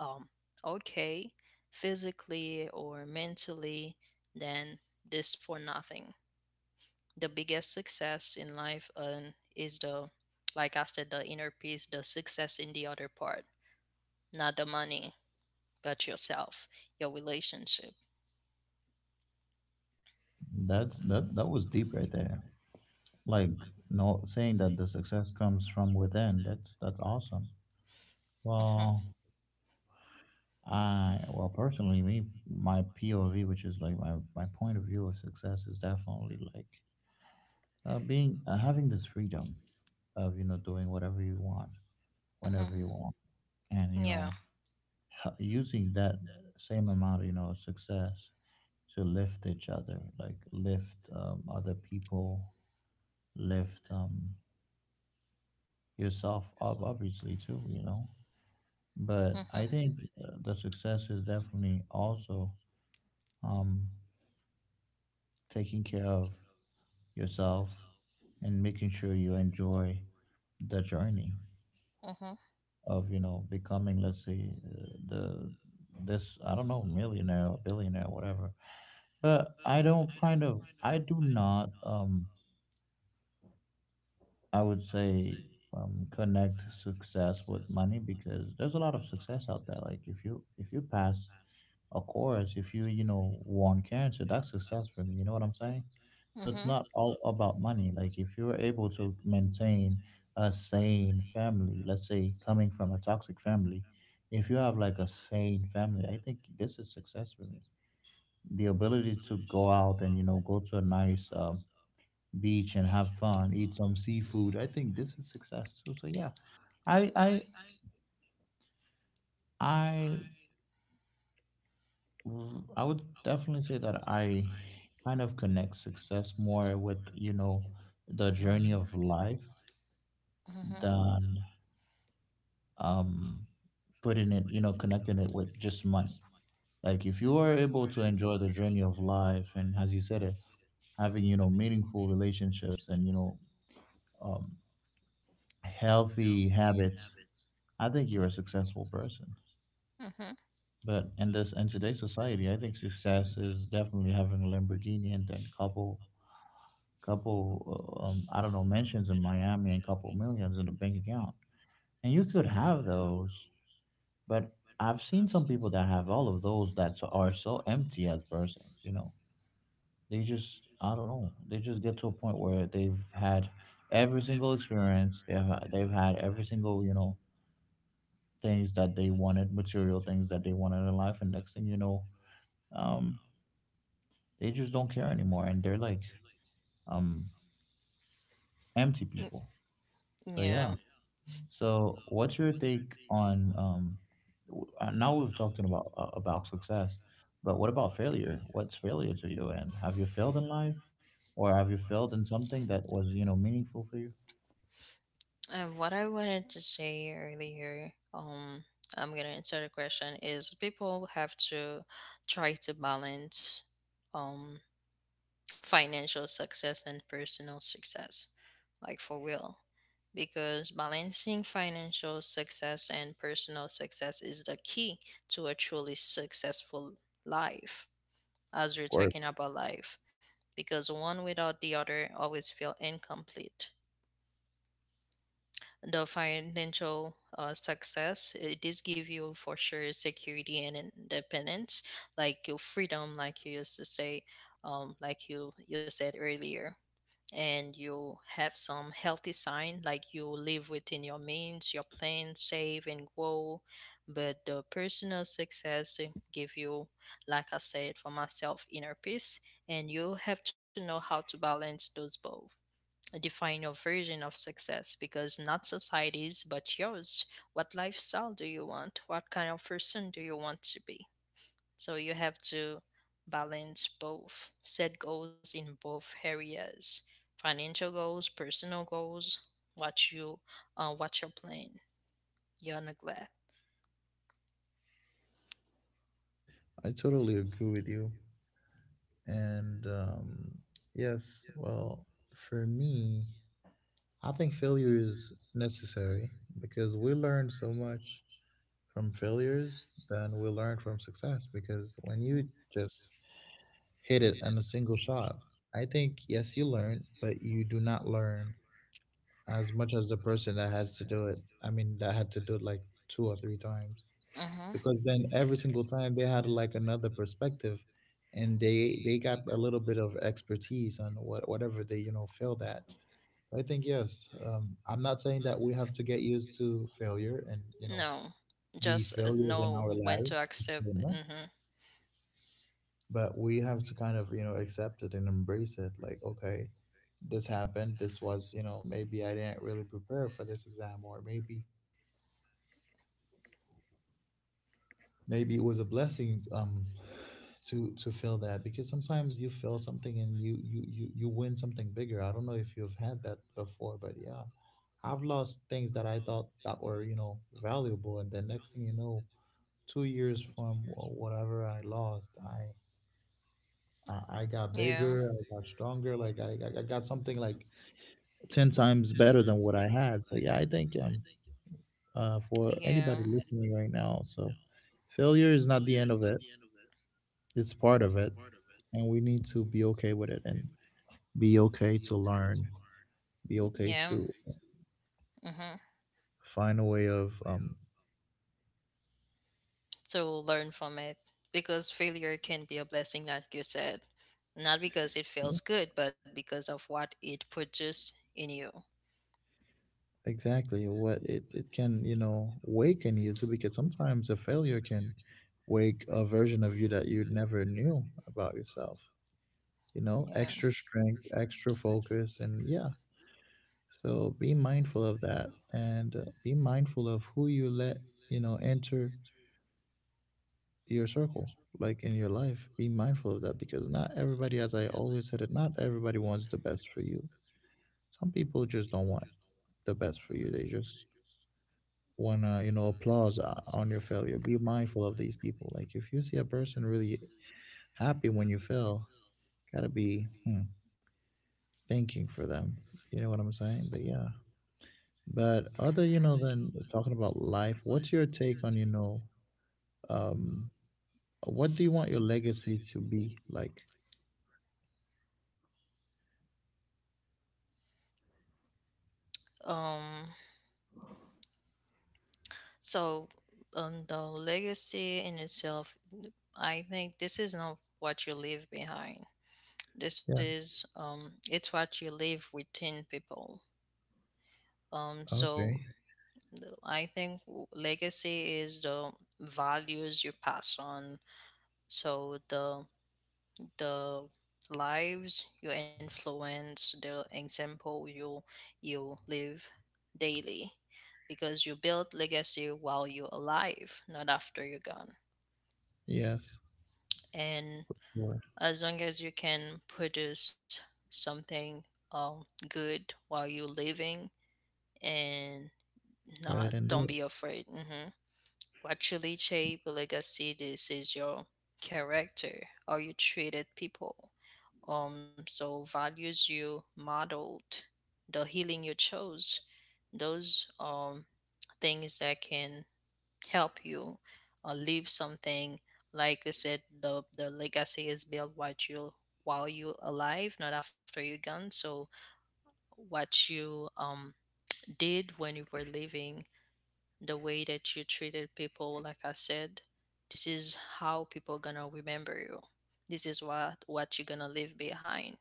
Speaker 2: um, okay physically or mentally, then this for nothing. The biggest success in life is the, like I said, the inner peace, the success in the other part, not the money, but yourself, your relationship.
Speaker 1: That's that was deep right there. Like no, saying that the success comes from within. That's awesome.
Speaker 2: Mm-hmm,
Speaker 1: Well, I, well personally, me my POV, which is like my point of view of success, is definitely like being having this freedom of, you know, doing whatever you want,
Speaker 2: mm-hmm,
Speaker 1: whenever you want, and, you
Speaker 2: yeah.
Speaker 1: know, using that same amount of, you know, success to lift each other, like lift other people, lift yourself up obviously too, you know. But
Speaker 2: Mm-hmm.
Speaker 1: I think the success is definitely also um, taking care of yourself and making sure you enjoy the journey
Speaker 2: Mm-hmm.
Speaker 1: of, you know, becoming, let's say, the this, I don't know, millionaire or billionaire, whatever. But I don't kind of, I do not I would say connect success with money, because there's a lot of success out there. Like if you, if you pass, of course, if you, you know, won cancer, that's success for me. You know what I'm saying? So
Speaker 2: Mm-hmm.
Speaker 1: it's not all about money. Like if you're able to maintain a sane family, let's say, coming from a toxic family, if you have like a sane family, I think this is success for me. The ability to go out and, you know, go to a nice beach and have fun, eat some seafood. I think this is success too. So yeah, I I I I would definitely say that I kind of connect success more with, the journey of life
Speaker 2: Mm-hmm.
Speaker 1: than um putting it, connecting it with just money. Like if you are able to enjoy the journey of life and, as you said it, having, meaningful relationships and, um healthy habits, I think you're a successful person.
Speaker 2: Mm-hmm.
Speaker 1: But in today's society, I think success is definitely having a Lamborghini and then couple I don't know mentions in Miami and couple millions in the bank account. And you could have those, but I've seen some people that have all of those that are so empty as persons. They just, I don't know, they just get to a point where they've had every single experience. They've had every single things that they wanted, material things that they wanted in life, and next thing you know, um, they just don't care anymore, and they're like um empty people. So
Speaker 2: Yeah.
Speaker 1: yeah, so what's your take on now we've talked about success, but what about failure? What's failure to you? And have you failed in life, or have you failed in something that was meaningful for you?
Speaker 2: What I wanted to say earlier, I'm gonna answer the question is people have to try to balance um financial success and personal success, like for real. Because balancing financial success and personal success is the key to a truly successful life, as
Speaker 1: Of
Speaker 2: we're
Speaker 1: course.
Speaker 2: talking about life. Because one without the other always feel incomplete. The financial success, it does give you for sure security and independence, like your freedom, like you used to say, like you said earlier, and you have some healthy sign, like you live within your means, your plan, save and grow. But the personal success give you, like I said for myself, inner peace. And you have to know how to balance those both. Define your version of success, because not society's but yours. What lifestyle do you want? What kind of person do you want to be? So you have to balance both, set goals in both areas, financial goals, personal goals, what you what your plan, your neglect.
Speaker 1: I totally agree with you. And yes, well, for me, I think failure is necessary because we learn so much from failures than we learn from success. Because when you just hit it in a single shot, I think, yes, you learn, but you do not learn as much as the person that has to do it. I mean, that had to do it like two or three times,
Speaker 2: Mm-hmm.
Speaker 1: because then every single time they had like another perspective, and they got a little bit of expertise on whatever they, failed at. So I think, yes, I'm not saying that we have to get used to failure and
Speaker 2: No,
Speaker 1: be
Speaker 2: just
Speaker 1: failures in
Speaker 2: know
Speaker 1: our
Speaker 2: when to
Speaker 1: lives.
Speaker 2: accept.
Speaker 1: Disclaimer.
Speaker 2: Mm-hmm.
Speaker 1: But we have to kind of, accept it and embrace it, like, okay, this happened, this was, maybe I didn't really prepare for this exam, or maybe it was a blessing, to feel that, because sometimes you feel something and you win something bigger. I don't know if you've had that before, but yeah, I've lost things that I thought that were, valuable, and then next thing you know, 2 years from whatever I lost, I got
Speaker 2: Yeah.
Speaker 1: bigger, I got stronger. Like I got something like 10 times better than what I had. So yeah, I think, for
Speaker 2: Yeah.
Speaker 1: anybody listening right now, so failure is not the end of it. It's part of it, and we need to be okay with it, and be okay to learn, be okay
Speaker 2: Yeah.
Speaker 1: to
Speaker 2: Mm-hmm.
Speaker 1: find a way of,
Speaker 2: To learn from it. Because failure can be a blessing, like you said. Not because it
Speaker 1: yeah,
Speaker 2: feels good, but because of what it produced in you.
Speaker 1: exactly what it can, you know, wake in you too, because sometimes a failure can wake a version of you that you never knew about yourself. You know,
Speaker 2: Yeah.
Speaker 1: extra strength, extra focus, and yeah. So be mindful of that, and be mindful of who you let, enter your circle, like in your life. Be mindful of that, because not everybody, as I always said it, not everybody wants the best for you. Some people just don't want the best for you. They just want to, applause on your failure. Be mindful of these people. Like if you see a person really happy when you fail, gotta be, thanking for them. You know what I'm saying? But yeah. But other, than talking about life, what's your take onum, what do you want your legacy to be like?
Speaker 2: Um, so on the legacy in itself, I think this is not what you leave behind. This
Speaker 1: Yeah.
Speaker 2: is it's what you leave within people. Um,
Speaker 1: Okay.
Speaker 2: so I think legacy is the values you pass on. So the lives you influence, the example you you live daily, because you build legacy while you're alive, not after you're gone.
Speaker 1: Yes.
Speaker 2: And
Speaker 1: For sure.
Speaker 2: as long as you can produce something good while you're living, and
Speaker 1: Right.
Speaker 2: not,
Speaker 1: And do
Speaker 2: don't
Speaker 1: it.
Speaker 2: be afraid. Hmm. What Chiliche Belegacidis is your character? How you treated people? So values you modeled, the healing you chose, those things that can help you leave something. Like you said, the legacy is built while you alive, not after you're gone. So what you did when you were living, the way that you treated people, like I said, this is how people are gonna remember you, this is what you're gonna leave behind.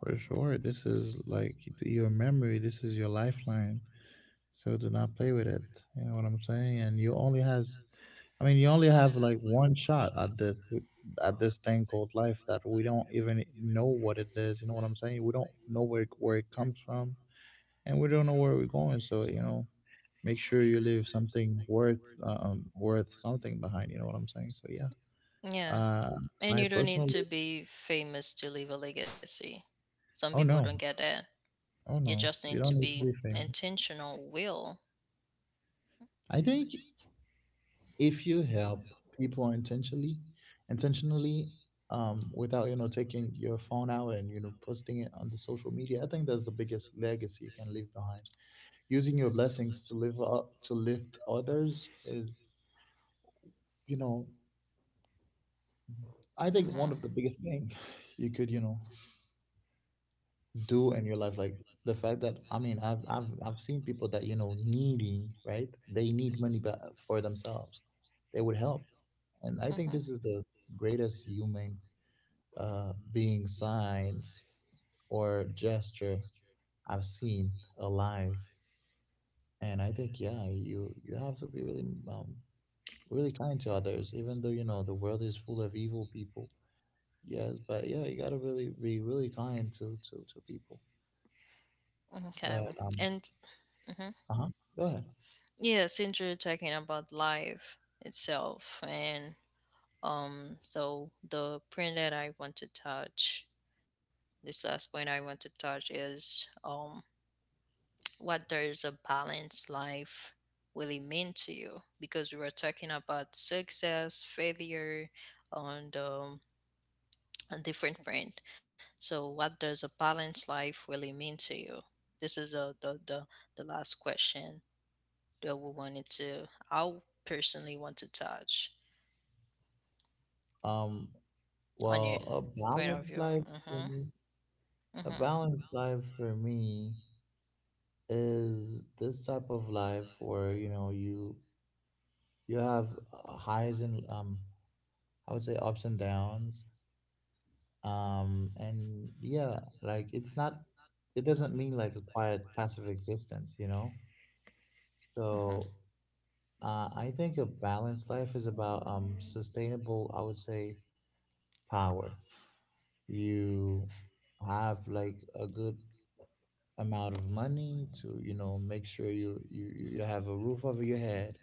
Speaker 1: For sure. This is like your memory, this is your lifeline. So do not play with it. You know what I'm saying? And I mean, you only have like one shot at this, at this thing called life that we don't even know what it is. You know what I'm saying? We don't know where it comes from, and we don't know where we're going. So, you know, make sure you leave something worth something behind. You know what I'm saying? So yeah,
Speaker 2: Yeah.
Speaker 1: uh,
Speaker 2: And
Speaker 1: my
Speaker 2: you don't need
Speaker 1: personal.
Speaker 2: to be famous to leave a legacy. Some people
Speaker 1: Oh
Speaker 2: don't
Speaker 1: no,
Speaker 2: get that.
Speaker 1: oh
Speaker 2: You
Speaker 1: no,
Speaker 2: just need
Speaker 1: you
Speaker 2: to
Speaker 1: don't need to
Speaker 2: be
Speaker 1: be famous.
Speaker 2: intentional will.
Speaker 1: I think if you help people intentionally, intentionally, without taking your phone out and posting it on the social media, I think that's the biggest legacy you can leave behind. Using your blessings to live up, to lift others, is, you know I think,
Speaker 2: Hmm.
Speaker 1: one of the biggest thing you could, you know, do in your life. Like the fact that, I mean, I've seen people that, needing, right? They need money, for themselves, they would help, and I think
Speaker 2: Hmm.
Speaker 1: this is the greatest human being signs or gesture I've seen alive. And I think, yeah, you have to be really kind to others, even though, you know, the world is full of evil people. Yes, but yeah, you gotta really be really kind to people.
Speaker 2: Okay.
Speaker 1: But
Speaker 2: And hmm,
Speaker 1: uh-huh. Go ahead.
Speaker 2: yeah, since you're talking about life itself, and So the print that I want to touch, this last point I want to touch is what does a balanced life really mean to you? Because we were talking about success, failure, and a different brand. So, what does a balanced life really mean to you? This is the last question that we wanted to. I personally want to touch
Speaker 1: Um,
Speaker 2: on your
Speaker 1: well, a
Speaker 2: point of
Speaker 1: balanced
Speaker 2: view.
Speaker 1: life
Speaker 2: Mm-hmm.
Speaker 1: for me,
Speaker 2: Mm-hmm.
Speaker 1: a balanced life for me is this type of life where, you know, you have highs and, I would say, ups and downs. And yeah, like, it's not, it doesn't mean like a quiet, passive existence, you know?
Speaker 2: Mm-hmm.
Speaker 1: So I think a balanced life is about sustainable, I would say, power. You have like a good amount of money to, you know, make sure you have a roof over your head.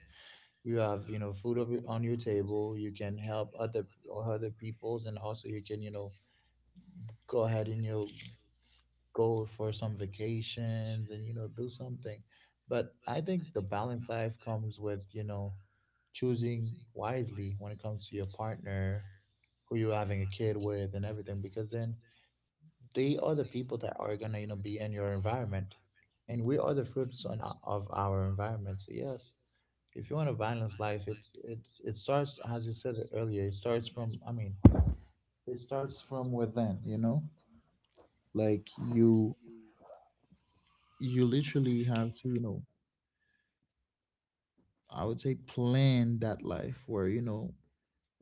Speaker 1: You have, you know, food over on your table. You can help other peoples, and also you can, you know, go ahead and, you know, go for some vacations and, you know, do something. But I think the balanced life comes with, choosing wisely when it comes to your partner, who you're having a kid with, and everything, because then they are the people that are gonna, you know, be in your environment, and we are the fruits on of our environment. So yes, if you want a balanced life, it starts, as you said earlier, it starts from I mean it starts from within, you know. Like you literally have to, I would say, plan that life where, you know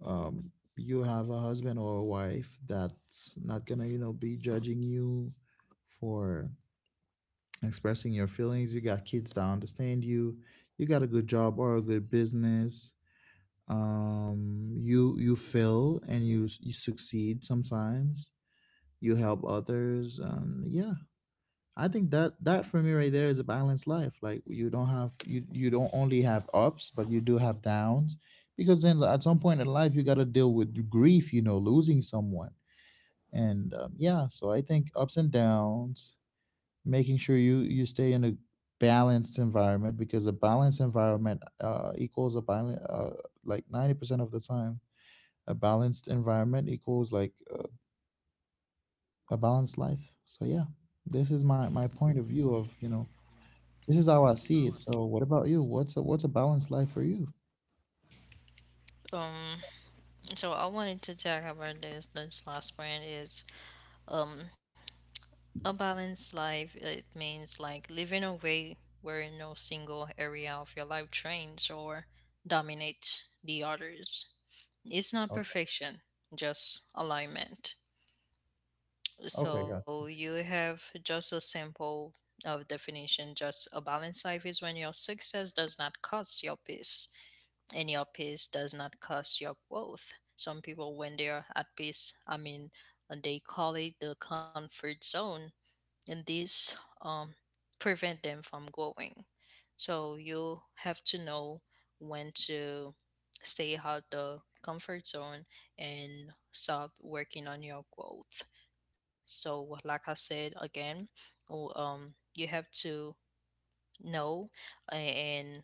Speaker 1: um you have a husband or a wife that's not gonna, be judging you for expressing your feelings. You got kids that understand you. You got a good job or a good business. You fail and you succeed sometimes. You help others. Yeah, I think that for me, right there, is a balanced life. Like you don't only have ups, but you do have downs, because then at some point in life you got to deal with grief, you know, losing someone, and, yeah. So I think ups and downs, making sure you you stay in a balanced environment, because a balanced environment equals a balance, like 90% of the time a balanced environment equals, like, a balanced life. So yeah, this is my my point of view of, you know, this is how I see it. So, what about you? What's a balanced life for you?
Speaker 2: Um. So I wanted to talk about this. This last point is Um, a balanced life, it means like living a way where no single area of your life trains or dominates the others. It's not
Speaker 1: Okay.
Speaker 2: perfection, just alignment.
Speaker 1: Okay.
Speaker 2: So
Speaker 1: Got it.
Speaker 2: you have just a simple of definition, just a balanced life is when your success does not cost your peace and your peace does not cost your growth. Some people when they are at peace, I mean, they call it the comfort zone, and these um, prevent them from growing. So you have to know when to stay out the comfort zone and stop working on your growth. So, like I said again, oh, um, you have to know and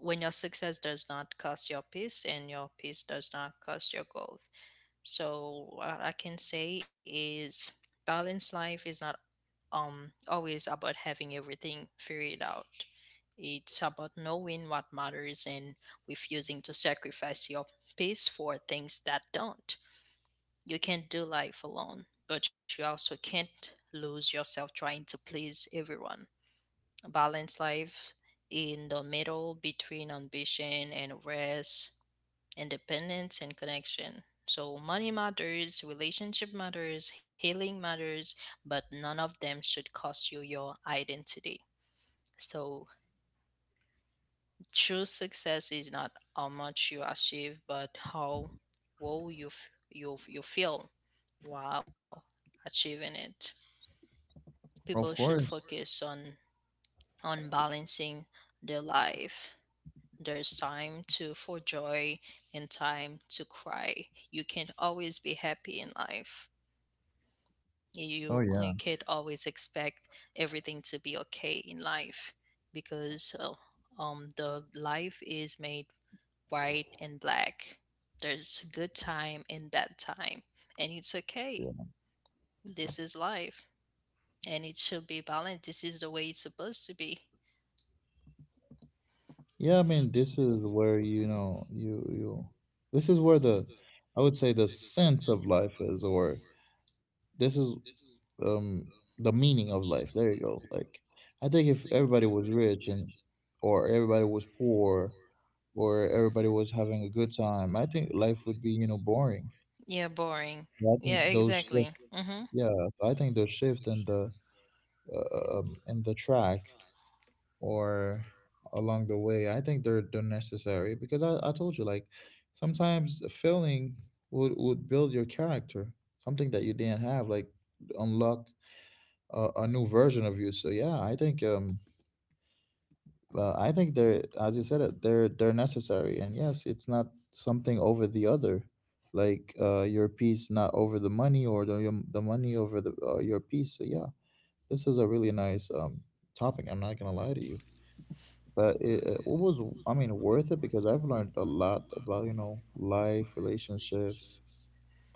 Speaker 2: when your success does not cost your peace and your peace does not cost your growth. So, what I can say is balance life is not always about having everything figured out. It's about knowing what matters and refusing to sacrifice your peace for things that don't. You can't do life alone, but you also can't lose yourself trying to please everyone. Balanced life in the middle between ambition and rest, independence and connection. So money matters, relationship matters, healing matters, but none of them should cost you your identity. So true success is not how much you achieve, but how well you you feel while achieving it. People
Speaker 1: Of
Speaker 2: should
Speaker 1: course.
Speaker 2: focus on balancing their life. There's time to for joy and time to cry. You can't always be happy in life. You
Speaker 1: Oh yeah.
Speaker 2: can't always expect everything to be okay in life, because the life is made white and black. There's good time and bad time, and it's okay.
Speaker 1: Yeah.
Speaker 2: This is life, and it should be balanced. This is the way it's supposed to be.
Speaker 1: Yeah, I mean, this is where, you. This is where the, I would say, the sense of life is, or this is um the meaning of life. There you go. Like, I think if everybody was rich, and, or everybody was poor, or everybody was having a good time, I think life would be, you know, boring.
Speaker 2: Yeah, boring.
Speaker 1: So I think
Speaker 2: Yeah,
Speaker 1: those
Speaker 2: exactly.
Speaker 1: shift.
Speaker 2: Hmm.
Speaker 1: Yeah. So I think the shift and the, in the track, or along the way, I think they're necessary, because I told you, like sometimes failing would build your character, something that you didn't have, like unlock a new version of you. So yeah, I think they're, as you said it, they're necessary, and yes, it's not something over the other. Like, your piece, not over the money, or the money over the, your piece. So yeah, this is a really nice topic, I'm not gonna lie to you, but it was, I mean, worth it, because I've learned a lot about, life, relationships,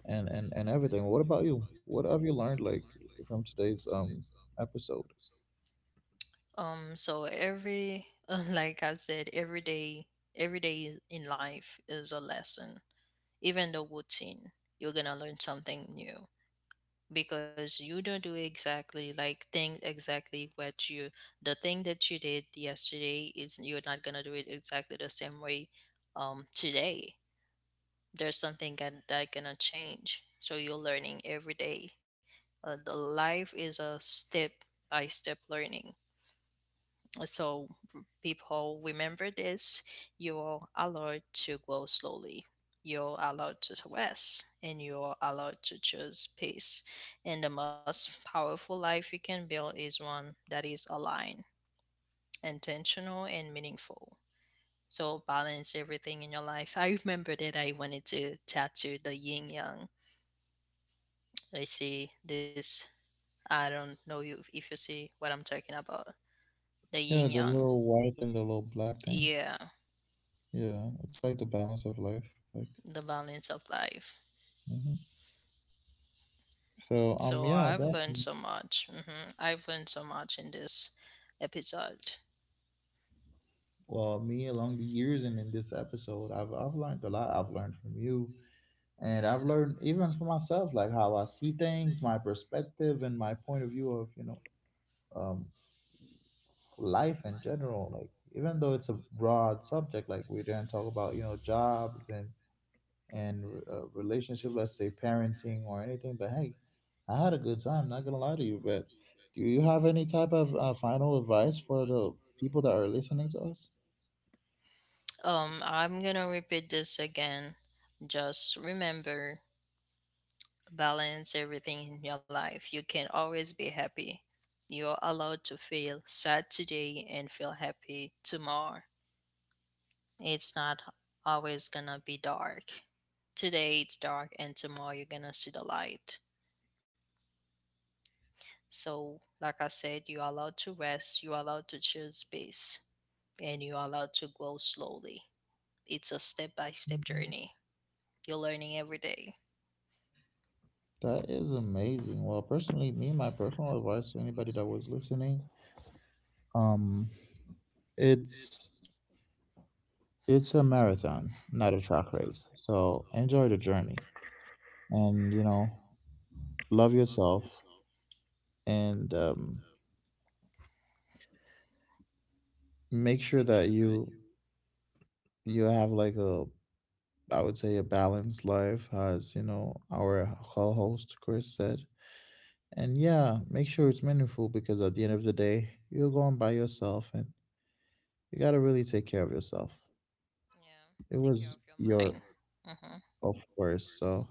Speaker 1: and everything. What about you? What have you learned, like from today's episode?
Speaker 2: So every, like I said, every day in life is a lesson. Even the routine, you're gonna learn something new, because you don't do exactly like thing exactly what you, the thing that you did yesterday, is you're not gonna do it exactly the same way today. There's something that that gonna change. So you're learning every day. The life is a step by step learning, so people remember this. You're allowed to go slowly. You're allowed to rest and you're allowed to choose peace. And the most powerful life you can build is one that is aligned, intentional, and meaningful. So balance everything in your life. I remember that I wanted to tattoo the yin yang. I see this. I don't know you if you see what I'm talking about. The yin
Speaker 1: Yeah, the
Speaker 2: yang.
Speaker 1: little white and the little black thing.
Speaker 2: Yeah.
Speaker 1: Yeah, it's like the balance of life, like.
Speaker 2: The balance of life.
Speaker 1: hmm so,
Speaker 2: So
Speaker 1: yeah,
Speaker 2: I've learned so
Speaker 1: definitely.
Speaker 2: much. Hmm. I've learned so much in this episode.
Speaker 1: Well, me, along the years, and in this episode, I've learned a lot. I've learned from you, and I've learned even for myself, like how I see things, my perspective, and my point of view of, um, life in general. Like, even though it's a broad subject, like, we didn't talk about, jobs, and relationship, let's say parenting, or anything, but hey, I had a good time, not gonna lie to you. But do you have any type of final advice for the people that are listening to us?
Speaker 2: I'm gonna repeat this again. Just remember, balance everything in your life. You can always be happy. You're allowed to feel sad today and feel happy tomorrow. It's not always gonna be dark. Today it's dark, and tomorrow you're gonna see the light. So, like I said, you're allowed to rest, you're allowed to choose space, and you're allowed to grow slowly. It's a step by step
Speaker 1: Mm-hmm.
Speaker 2: journey. You're learning every day.
Speaker 1: That is amazing. Well, personally, me, my personal advice to anybody that was listening, um, it's it's a marathon, not a track race. So enjoy the journey, and, you know, love yourself, and, make sure that you have like a, I would say, a balanced life, as, you know, our co-host Chris said. And yeah, make sure it's meaningful, because at the end of the day, you're going by yourself, and you gotta really take care of yourself.
Speaker 2: Yeah.
Speaker 1: It
Speaker 2: Take care
Speaker 1: was
Speaker 2: of your
Speaker 1: your,
Speaker 2: mind. Hmm.
Speaker 1: of course. So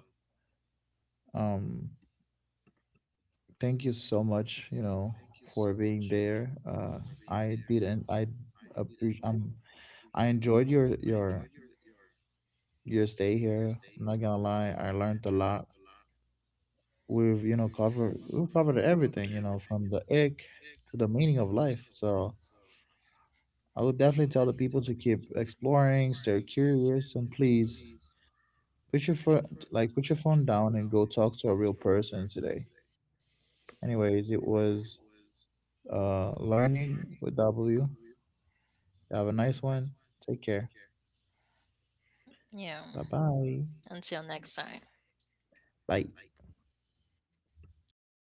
Speaker 1: um thank you so much, for being there. Uh i didn't i appreciate, I enjoyed your stay here, I'm not gonna lie, I learned a lot. We've covered everything, from the ick to the meaning of life. So I would definitely tell the people to keep exploring, stay curious, and please put your phone down, and go talk to a real person today. Anyways, it was, learning with W. Have a nice one. Take care.
Speaker 2: Yeah.
Speaker 1: Bye-bye.
Speaker 2: Until next time.
Speaker 1: Bye.